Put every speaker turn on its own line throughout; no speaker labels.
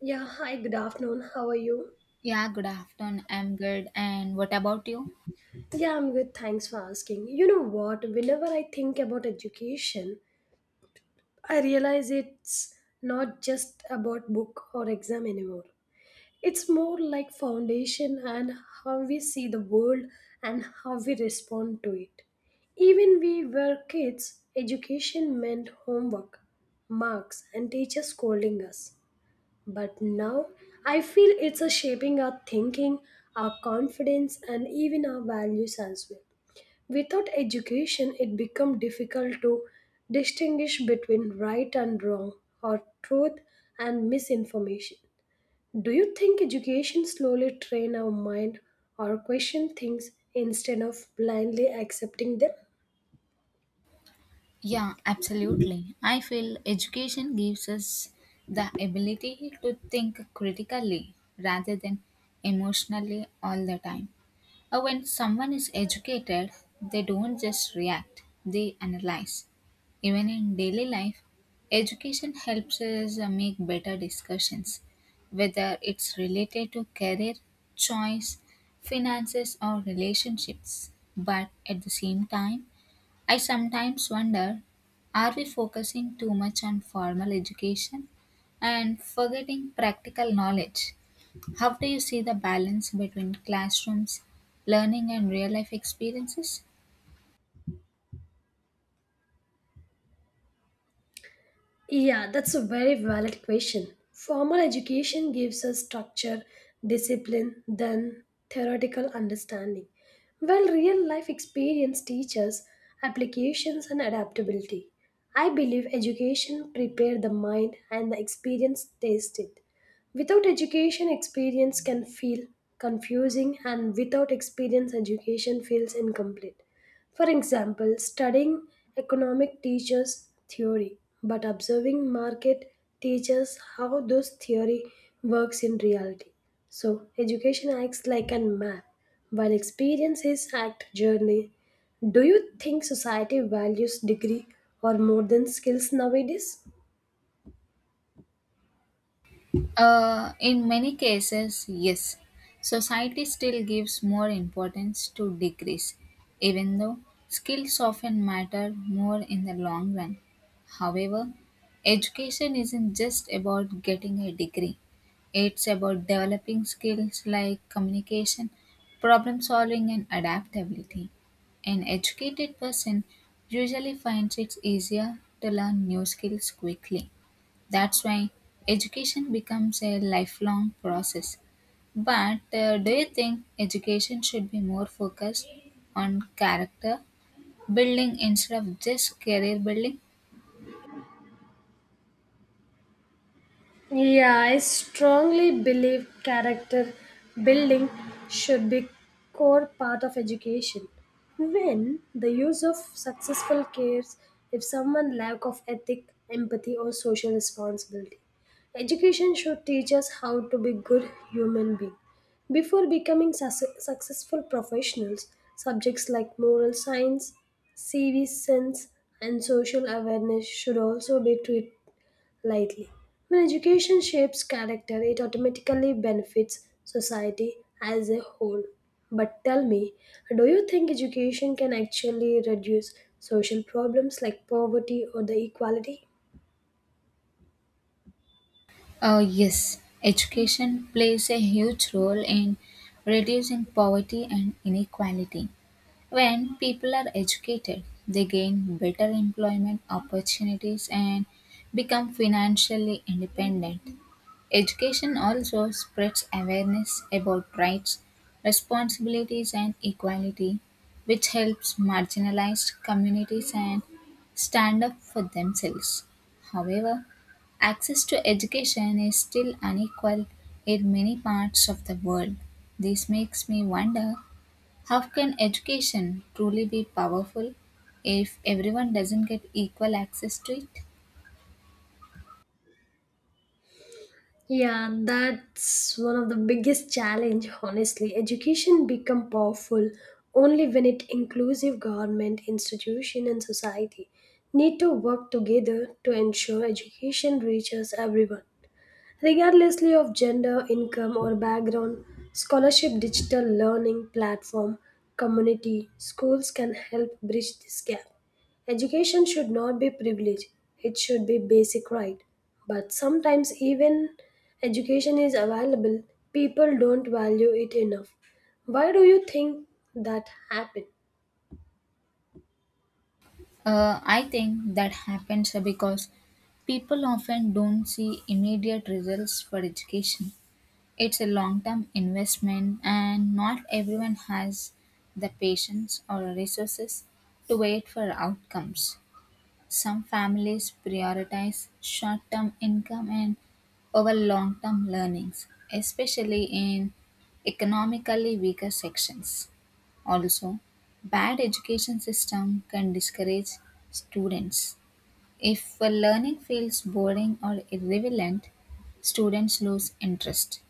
Yeah, hi, good afternoon. How are you?
Yeah, good afternoon. I'm good. And what about you?
Yeah, I'm good. Thanks for asking. You know what? Whenever I think about education, I realize it's not just about book or exam anymore. It's more like foundation and how we see the world and how we respond to it. Even we were kids, education meant homework, marks, and teachers scolding us. But now I feel it's a shaping our thinking, our confidence, and even our values as well. Without education, it becomes difficult to distinguish between right and wrong, or truth and misinformation. Do you think education slowly train our mind or question things instead of blindly accepting them?
Yeah, absolutely. I feel education gives us the ability to think critically rather than emotionally all the time. When someone is educated, they don't just react, they analyze. Even in daily life, education helps us make better discussions, whether it's related to career, choice, finances, or relationships. But at the same time, I sometimes wonder are we focusing too much on formal education and forgetting practical knowledge? How do you see the balance between classrooms, learning, and real life experiences?
Yeah, that's a very valid question. Formal education gives us structure, discipline, then theoretical understanding, while real life experience teaches applications and adaptability. I believe education prepares the mind and the experience tastes it. Without education, experience can feel confusing, and without experience, education feels incomplete. For example, studying economic teaches theory, but observing market teaches how those theory works in reality. So education acts like a map, while experience is act journey. Do you think society values degree or more than skills nowadays?
In many cases, yes. Society still gives more importance to degrees, even though skills often matter more in the long run. However, education isn't just about getting a degree, it's about developing skills like communication, problem solving, and adaptability. An educated person usually finds it easier to learn new skills quickly that's why education becomes a lifelong process. But do you think education should be more focused on character building instead of just career building?
Yeah, I strongly believe character building should be core part of education. When the use of successful cares if someone lack of ethic, empathy or social responsibility. Education should teach us how to be good human being. Before becoming successful professionals, subjects like moral science, civic sense, and social awareness should also be treated lightly. When education shapes character, it automatically benefits society as a whole. But tell me, do you think education can actually reduce social problems like poverty or the equality?
Yes, education plays a huge role in reducing poverty and inequality. When people are educated, they gain better employment opportunities and become financially independent. Education also spreads awareness about rights, responsibilities, and equality, which helps marginalized communities and stand up for themselves. However, access to education is still unequal in many parts of the world. This makes me wonder how can education truly be powerful if everyone doesn't get equal access to it?
Yeah, that's one of the biggest challenge honestly. Education become powerful only when it inclusive government, institution and society need to work together to ensure education reaches everyone. Regardlessly of gender, income, or background, scholarship digital learning platform, community, schools can help bridge this gap. Education should not be privilege, it should be basic right. But sometimes even education is available, people don't value it enough. Why do you think that happened?
I think that happens because people often don't see immediate results for education. It's a long term investment, and not everyone has the patience or resources to wait for outcomes. Some families prioritize short term income and over long term learnings, especially in economically weaker sections. Also, bad education system can discourage students. If a learning feels boring or irrelevant, students lose interest.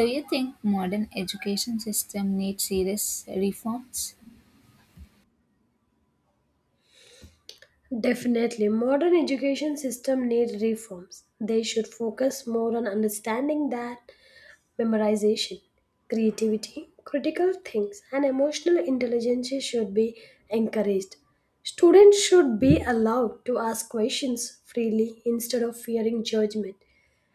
Do you think modern education system needs serious reforms?
Definitely, modern education system need reforms. They should focus more on understanding that memorization, creativity, critical things, and emotional intelligence should be encouraged. Students should be allowed to ask questions freely instead of fearing judgment.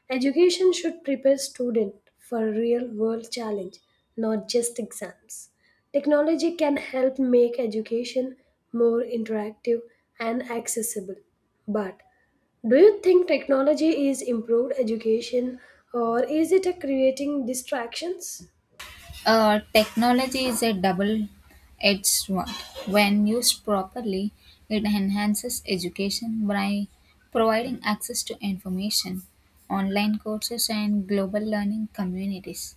Education should prepare students for real world challenge, not just exams. Technology can help make education more interactive and accessible. But do you think technology is improved education or is it a creating distractions?
Technology is a double-edged sword. When used properly, it enhances education by providing access to information, online courses, and global learning communities.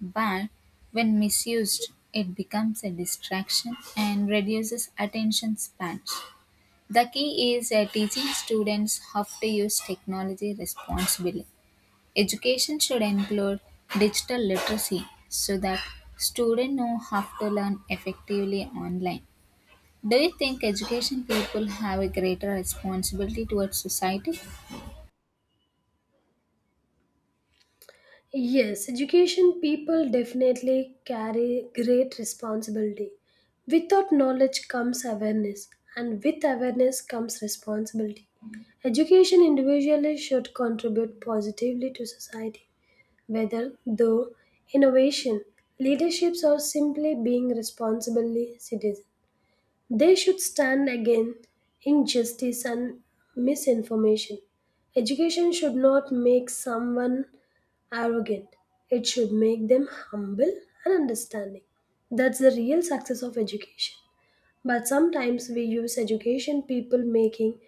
But when misused, it becomes a distraction and reduces attention spans. The key is teaching students how to use technology responsibly. Education should include digital literacy so that students know how to learn effectively online. Do you think education people have a greater responsibility towards society?
Yes, education people definitely carry great responsibility. Without knowledge comes awareness, and with awareness comes responsibility. Education individually should contribute positively to society, whether through innovation, leaderships, or simply being responsibly citizens. They should stand against injustice and misinformation. Education should not make someone arrogant, it should make them humble and understanding. That's the real success of education. But sometimes we use education people making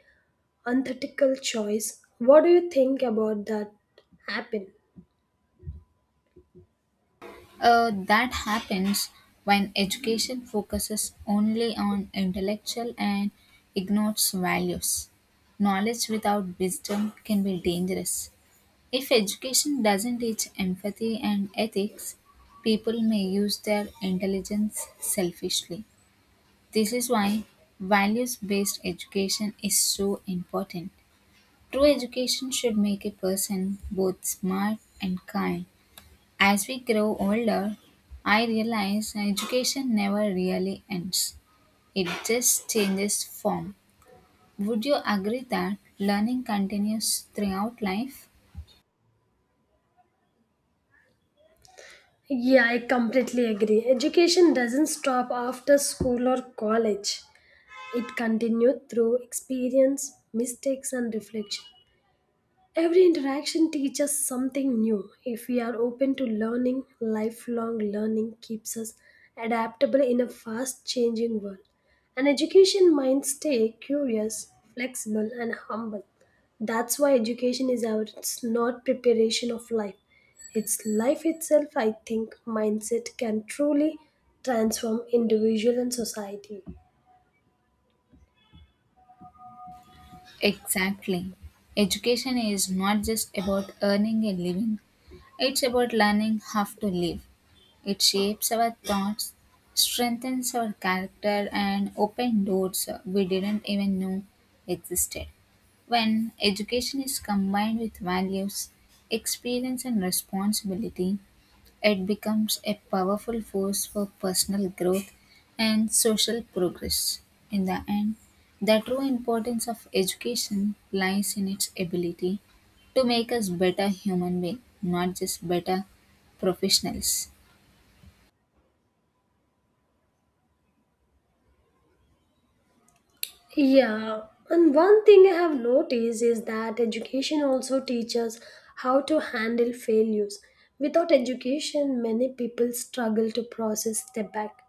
unethical choice. What do you think about that happen?
That happens when education focuses only on intellectual and ignores values. Knowledge without wisdom can be dangerous. If education doesn't teach empathy and ethics, people may use their intelligence selfishly. This is why values based education is so important. True education should make a person both smart and kind. As we grow older, I realize education never really ends, it just changes form. Would you agree that learning continues throughout life?
Yeah, I completely agree. Education doesn't stop after school or college. It continued through experience, mistakes, and reflection. Every interaction teaches something new. If we are open to learning, lifelong learning keeps us adaptable in a fast changing world. An education mind stay curious, flexible, and humble. That's why education is our it's not preparation of life. It's life itself, I think, mindset can truly transform individual and society.
Exactly. Education is not just about earning a living, it's about learning how to live. It shapes our thoughts, strengthens our character, and opens doors we didn't even know existed. When education is combined with values, experience, and responsibility, it becomes a powerful force for personal growth and social progress. In the end, the true importance of education lies in its ability to make us better human beings, not just better professionals.
Yeah, and one thing I have noticed is that education also teaches how to handle failures. Without education, many people struggle to process step back.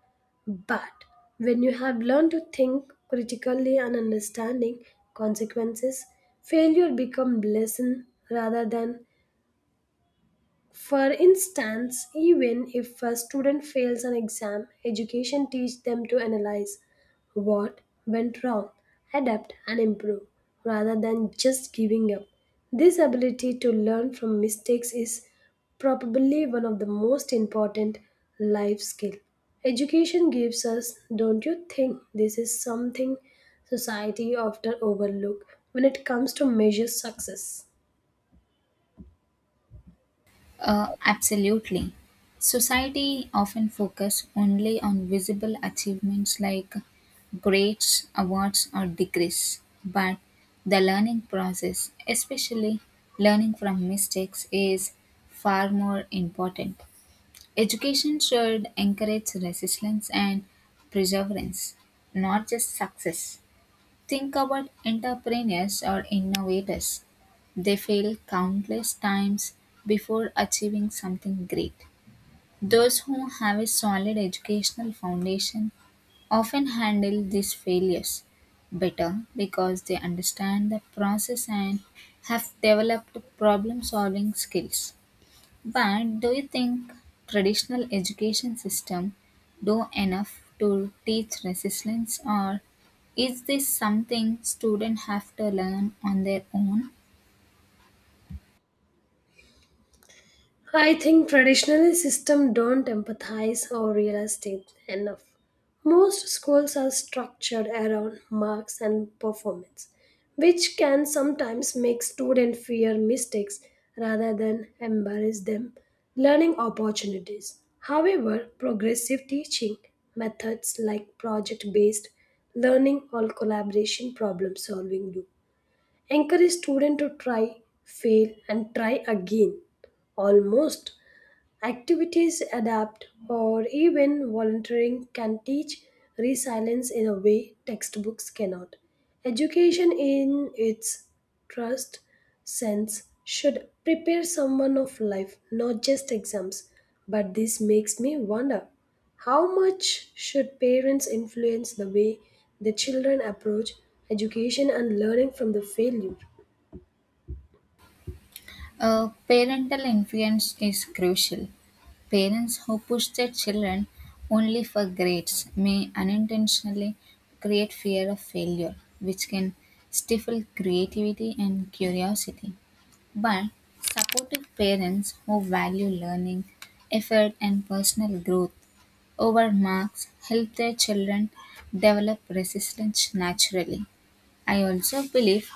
But when you have learned to think critically and understanding consequences, failure become lesson rather than for instance, even if a student fails an exam, education teaches them to analyze what went wrong, adapt, and improve rather than just giving up. This ability to learn from mistakes is probably one of the most important life skills. Education gives us, don't you think this is something society often overlook when it comes to measure success?
Absolutely. Society often focus only on visible achievements like grades, awards, or degrees, but the learning process, especially learning from mistakes, is far more important. Education should encourage resilience and perseverance, not just success. Think about entrepreneurs or innovators. They fail countless times before achieving something great. Those who have a solid educational foundation often handle these failures better because they understand the process and have developed problem solving skills. But do you think traditional education system do enough to teach resilience or is this something students have to learn on their own?
I think traditional systems don't empathize or real estate enough. Most schools are structured around marks and performance, which can sometimes make students fear mistakes rather than embarrass them learning opportunities. However, progressive teaching methods like project-based learning or collaboration problem solving do encourage students to try, fail and try again almost activities adapt, or even volunteering can teach resilience in a way textbooks cannot. Education, in its trust sense, should prepare someone of life, not just exams. But this makes me wonder how much should parents influence the way the children approach education and learning from the failure?
Parental influence is crucial. Parents who push their children only for grades may unintentionally create fear of failure, which can stifle creativity and curiosity. But supportive parents who value learning, effort, and personal growth over marks help their children develop resilience naturally. I also believe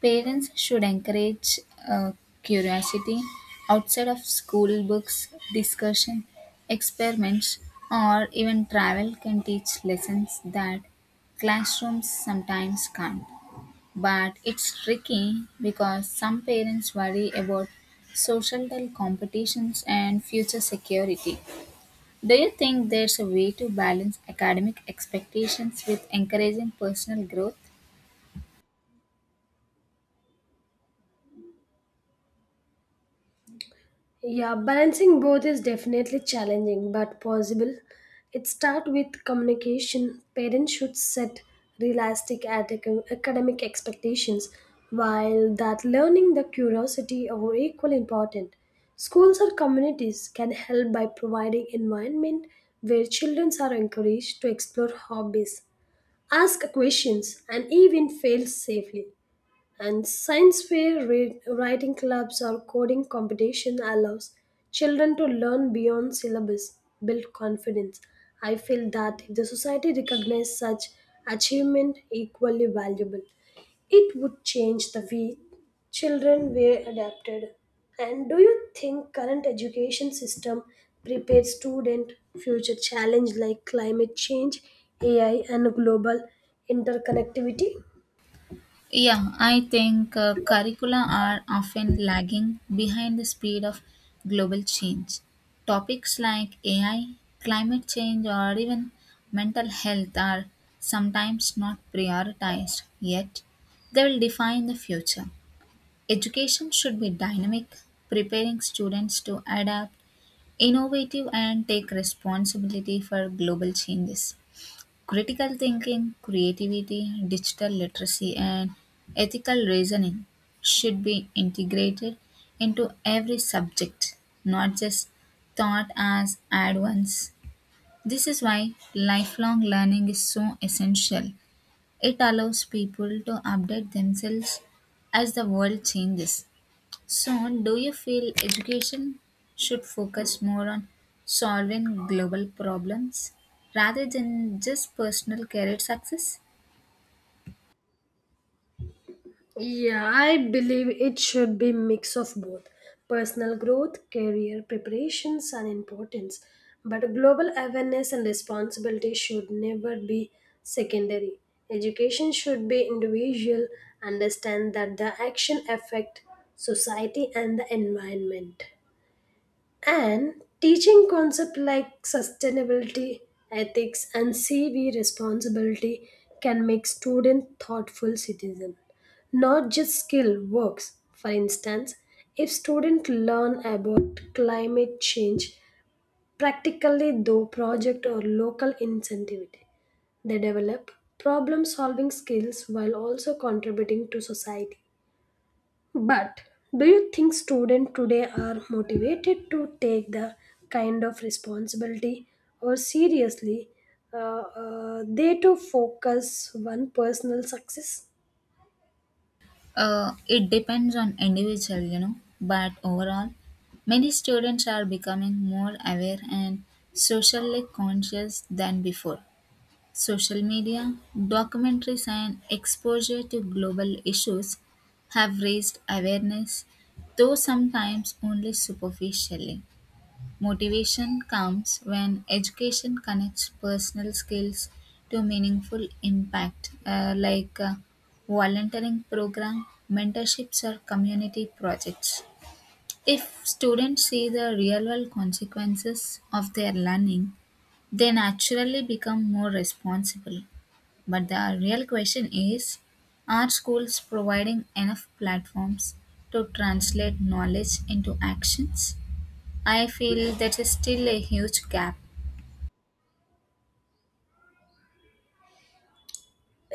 parents should encourage uh, curiosity outside of school books, discussion, experiments, or even travel can teach lessons that classrooms sometimes can't. But it's tricky because some parents worry about societal competitions and future security. Do you think there's a way to balance academic expectations with encouraging personal growth?
Yeah, balancing both is definitely challenging but possible. It starts with communication. Parents should set realistic academic expectations, while that learning the curiosity are equally important. Schools or communities can help by providing environment where children are encouraged to explore hobbies, ask questions, and even fail safely and science fair read, writing clubs or coding competition allows children to learn beyond syllabus build confidence. I feel that if the society recognized such achievement equally valuable, it would change the way children were adapted. And do you think current education system prepares student future challenge like climate change ai and global interconnectivity?
Yeah, I think curricula are often lagging behind the speed of global change. Topics like AI, climate change, or even mental health are sometimes not prioritized, yet, they will define the future. Education should be dynamic, preparing students to adapt, innovative, and take responsibility for global changes critical thinking, creativity, digital literacy, and ethical reasoning should be integrated into every subject, not just taught as add-ons. This is why lifelong learning is so essential. It allows people to update themselves as the world changes. So, do you feel education should focus more on solving global problems rather than just personal career success?
Yeah, I believe it should be mix of both personal growth, career preparations and importance. But global awareness and responsibility should never be secondary. Education should be individual, understand that the action affect society and the environment. And teaching concepts like sustainability, ethics, and CV responsibility can make students thoughtful citizens, not just skill works. For instance, if students learn about climate change practically through project or local incentive, they develop problem solving skills while also contributing to society. But do you think students today are motivated to take the kind of responsibility or seriously uh, they to focus on personal success?
It depends on individual, you know, but overall, many students are becoming more aware and socially conscious than before. Social media, documentaries, and exposure to global issues have raised awareness, though sometimes only superficially. Motivation comes when education connects personal skills to meaningful impact, like volunteering program, mentorships, or community projects. If students see the real world consequences of their learning, they naturally become more responsible. But the real question is are schools providing enough platforms to translate knowledge into actions? I feel that is still a huge gap.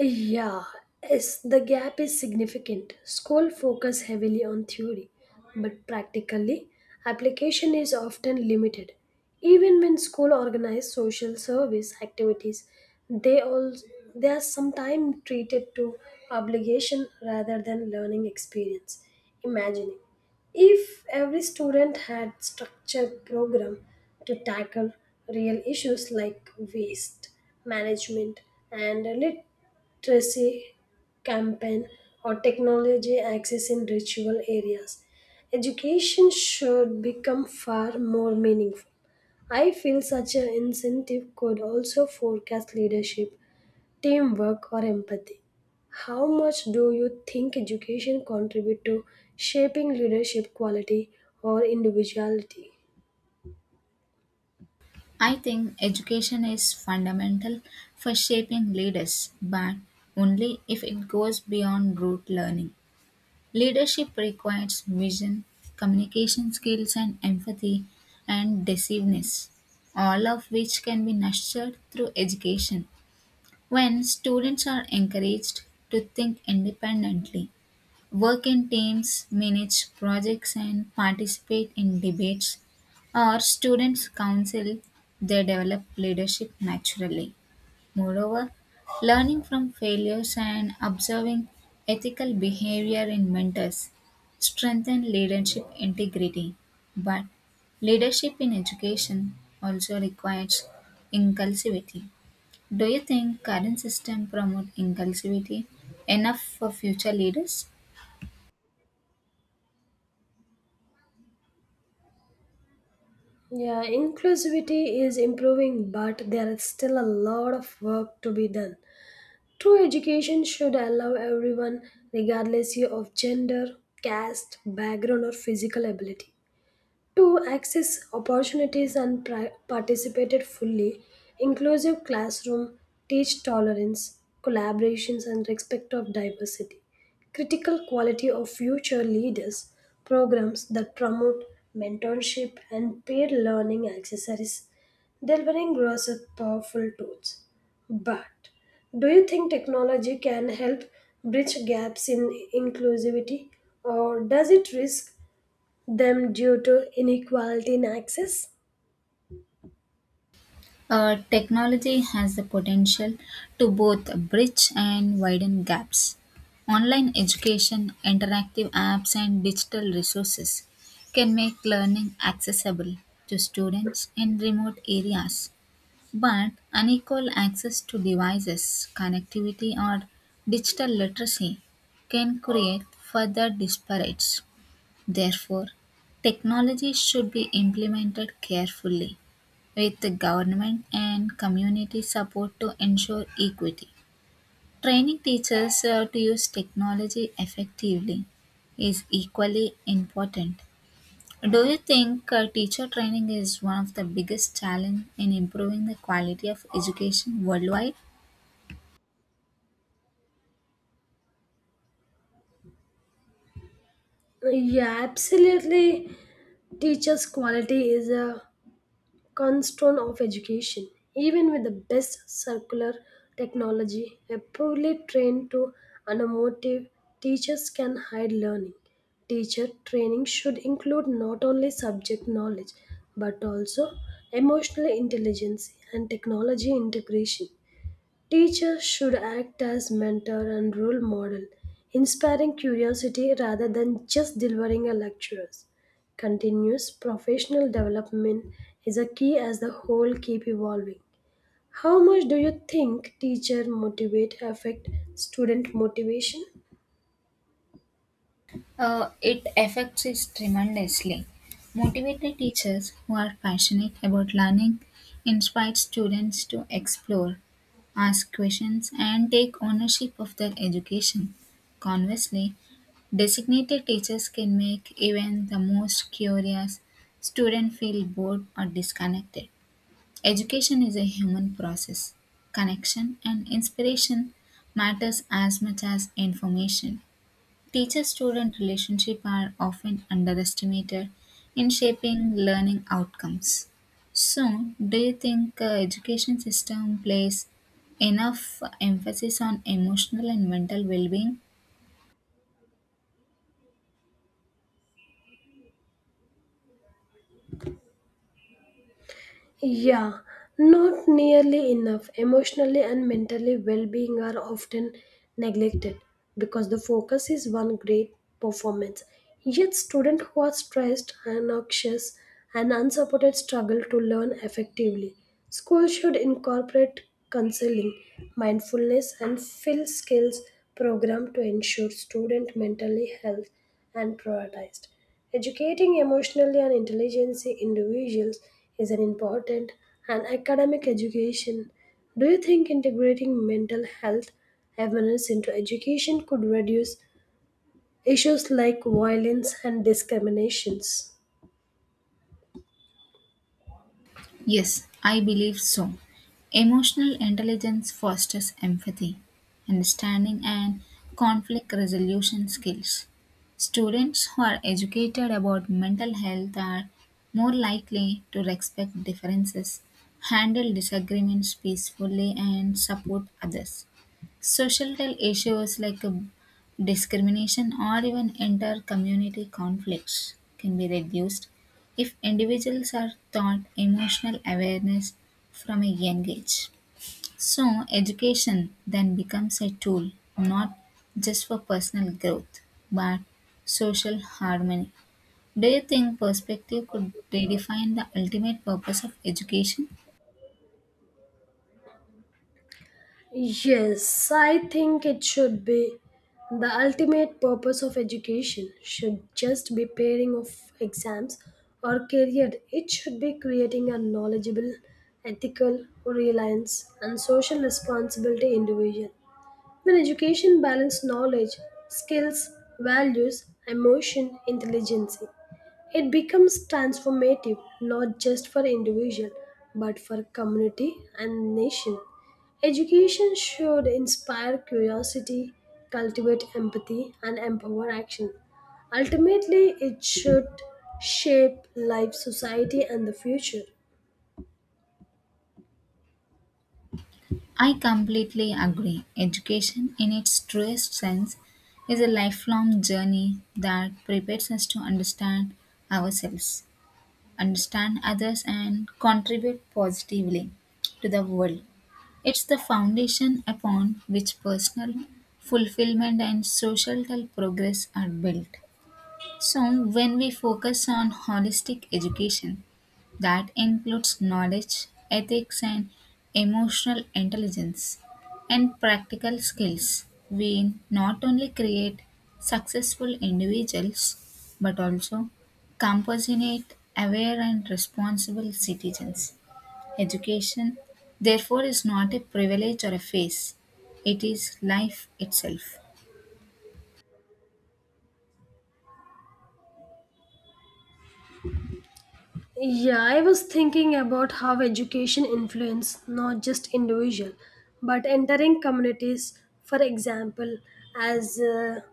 Yeah, yes, the gap is significant. School focus heavily on theory, but practically, application is often limited. Even when school organize social service activities, they all they are sometimes treated to obligation rather than learning experience. Imagining if every student had structured program to tackle real issues like waste management and literacy campaign or technology access in ritual areas. Education should become far more meaningful. I feel such an incentive could also forecast leadership, teamwork, or empathy. How much do you think education contribute to shaping leadership quality or individuality?
I think education is fundamental for shaping leaders, but only if it goes beyond rote learning. Leadership requires vision, communication skills, and empathy and decisiveness, all of which can be nurtured through education. When students are encouraged to think independently, work in teams, manage projects, and participate in debates, or students counsel, they develop leadership naturally. Moreover, learning from failures and observing ethical behavior in mentors strengthen leadership integrity. But leadership in education also requires inclusivity do you think current system promote inclusivity enough for future leaders?
Yeah, inclusivity is improving, but there is still a lot of work to be done. True education should allow everyone, regardless of gender, caste, background, or physical ability, to access opportunities and participated fully, inclusive classroom teach tolerance, collaborations and respect of diversity, critical quality of future leaders, programs that promote mentorship and peer learning accessories, delivering growth of powerful tools. But do you think technology can help bridge gaps in inclusivity or does it risk them due to inequality in access?
Technology has the potential to both bridge and widen gaps. Online education, interactive apps, and digital resources can make learning accessible to students in remote areas. But unequal access to devices, connectivity, or digital literacy can create further disparities. Therefore, technology should be implemented carefully with the government and community support to ensure equity. Training teachers to use technology effectively is equally important. Do you think teacher training is one of the biggest challenge in improving the quality of education worldwide?
Yeah, absolutely. Teachers' quality is a cornerstone of education. Even with the best circular technology, a poorly trained to unmotivated teachers can hide learning. Teacher training should include not only subject knowledge but also emotional intelligence and technology integration. Teachers should act as mentor and role model, inspiring curiosity rather than just delivering a lecture. Continuous professional development is a key as the whole keep evolving. How much do you think teacher motivate affect student motivation?
It affects us tremendously. Motivated teachers who are passionate about learning inspire students to explore, ask questions, and take ownership of their education. Conversely, designated teachers can make even the most curious student feel bored or disconnected. Education is a human process. Connection and inspiration matters as much as information. Teacher-student relationships are often underestimated in shaping learning outcomes. So, do you think education system plays enough emphasis on emotional and mental well-being?
Yeah, not nearly enough. Emotionally and mentally well being are often neglected because the focus is one great performance. Yet, students who are stressed and anxious and unsupported struggle to learn effectively. Schools should incorporate counseling, mindfulness, and fill skills program to ensure student mental health and prioritized. Educating emotionally and intelligent individuals is an important and academic education. Do you think integrating mental health awareness into education could reduce issues like violence and discriminations?
Yes, I believe so. Emotional intelligence fosters empathy, understanding, and conflict resolution skills. Students who are educated about mental health are more likely to respect differences, handle disagreements peacefully, and support others. Societal issues like discrimination or even inter community conflicts can be reduced if individuals are taught emotional awareness from a young age. So, education then becomes a tool not just for personal growth but social harmony. Do you think perspective could redefine the ultimate purpose of education?
Yes, I think it should be. The ultimate purpose of education should just be pairing of exams or career. It should be creating a knowledgeable, ethical, reliance, and social responsibility individual. When education balances knowledge, skills, values, emotion, intelligence, it becomes transformative not just for individual but for community and nation. Education should inspire curiosity, cultivate empathy, and empower action. Ultimately, it should shape life, society, and the future.
I completely agree. Education, in its truest sense, is a lifelong journey that prepares us to understand ourselves, understand others, and contribute positively to the world. It's the foundation upon which personal fulfillment and social progress are built. So, when we focus on holistic education, that includes knowledge, ethics, and emotional intelligence and practical skills, we not only create successful individuals but also compassionate, aware, and responsible citizens. Education, therefore, is not a privilege or a phase, it is life itself.
Yeah, I was thinking about how education influence not just individual but entering communities. For example, as a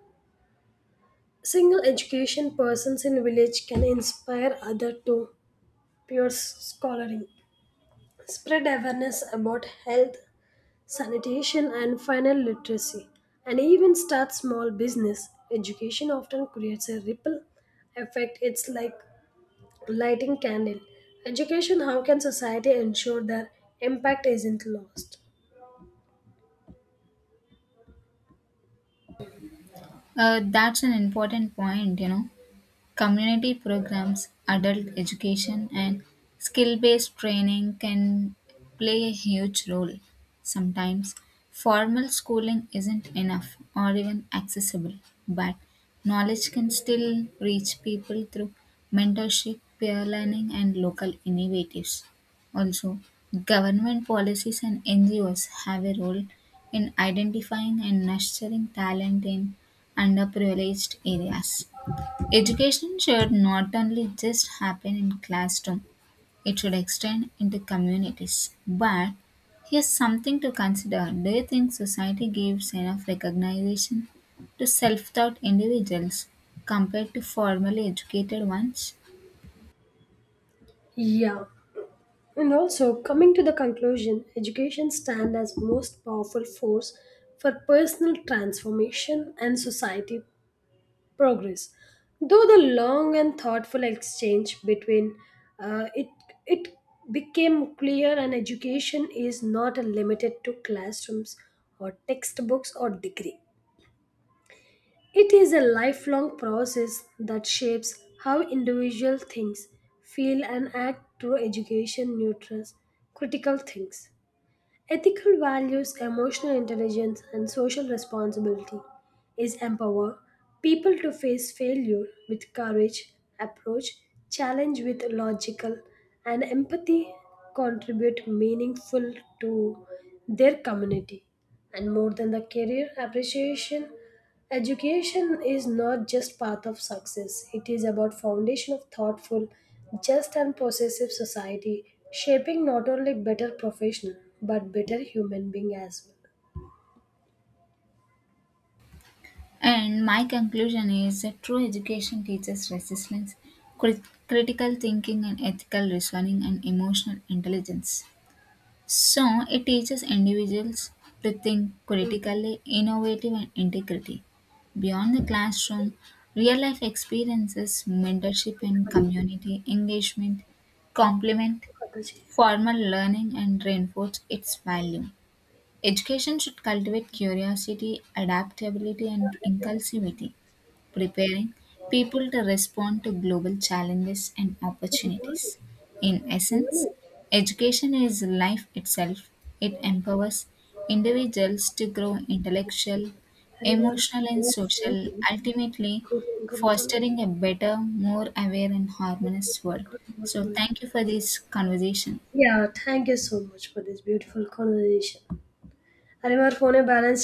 single education persons in village can inspire other to pure scholaring, spread awareness about health, sanitation and final literacy, and even start small business. Education often creates a ripple effect. It's like lighting candle. Education, how can society ensure their impact isn't lost?
That's an important point, you know. Community programs, adult education, and skill based training can play a huge role. Sometimes formal schooling isn't enough or even accessible, but knowledge can still reach people through mentorship, peer learning, and local innovatives. Also, government policies and NGOs have a role in identifying and nurturing talent in underprivileged areas. Education should not only just happen in classroom, it should extend into communities. But here's something to consider. Do you think society gives enough recognition to self-taught individuals compared to formally educated ones?
Yeah. And also coming to the conclusion, education stand as most powerful force for personal transformation and society progress. Though the long and thoughtful exchange between uh, it it became clear and education is not limited to classrooms or textbooks or degree. It is a lifelong process that shapes how individual thinks, feel, and act through education nurtures critical things. Ethical values, emotional intelligence, and social responsibility is empower people to face failure with courage, approach challenge with logical, and empathy contribute meaningful to their community. And more than the career appreciation, education is not just path of success. It is about foundation of thoughtful, just and possessive society, shaping not only better professional but better human being as well.
And my conclusion is that true education teaches resilience, critical thinking and ethical reasoning and emotional intelligence. So, it teaches individuals to think critically, innovative, and integrity. Beyond the classroom, real life experiences, mentorship, and community engagement complement
पता चाहिए।
formal learning and reinforce its value. Education should cultivate curiosity, adaptability, and inclusivity preparing people to respond to global challenges and
तो बिना नहीं,
opportunities. In
बिना
essence,
नहीं।
education is life itself. It empowers individuals to grow intellectual,
अरे हमारा
emotional, and
parents से
social,
ही
ultimately
को phone करो तो ना,
fostering a better, more aware, and harmonious world.
और बहुत
So,
phone है।
thank you for this conversation.
Yeah, thank you so much for this beautiful conversation. अरे हमारे phone में balance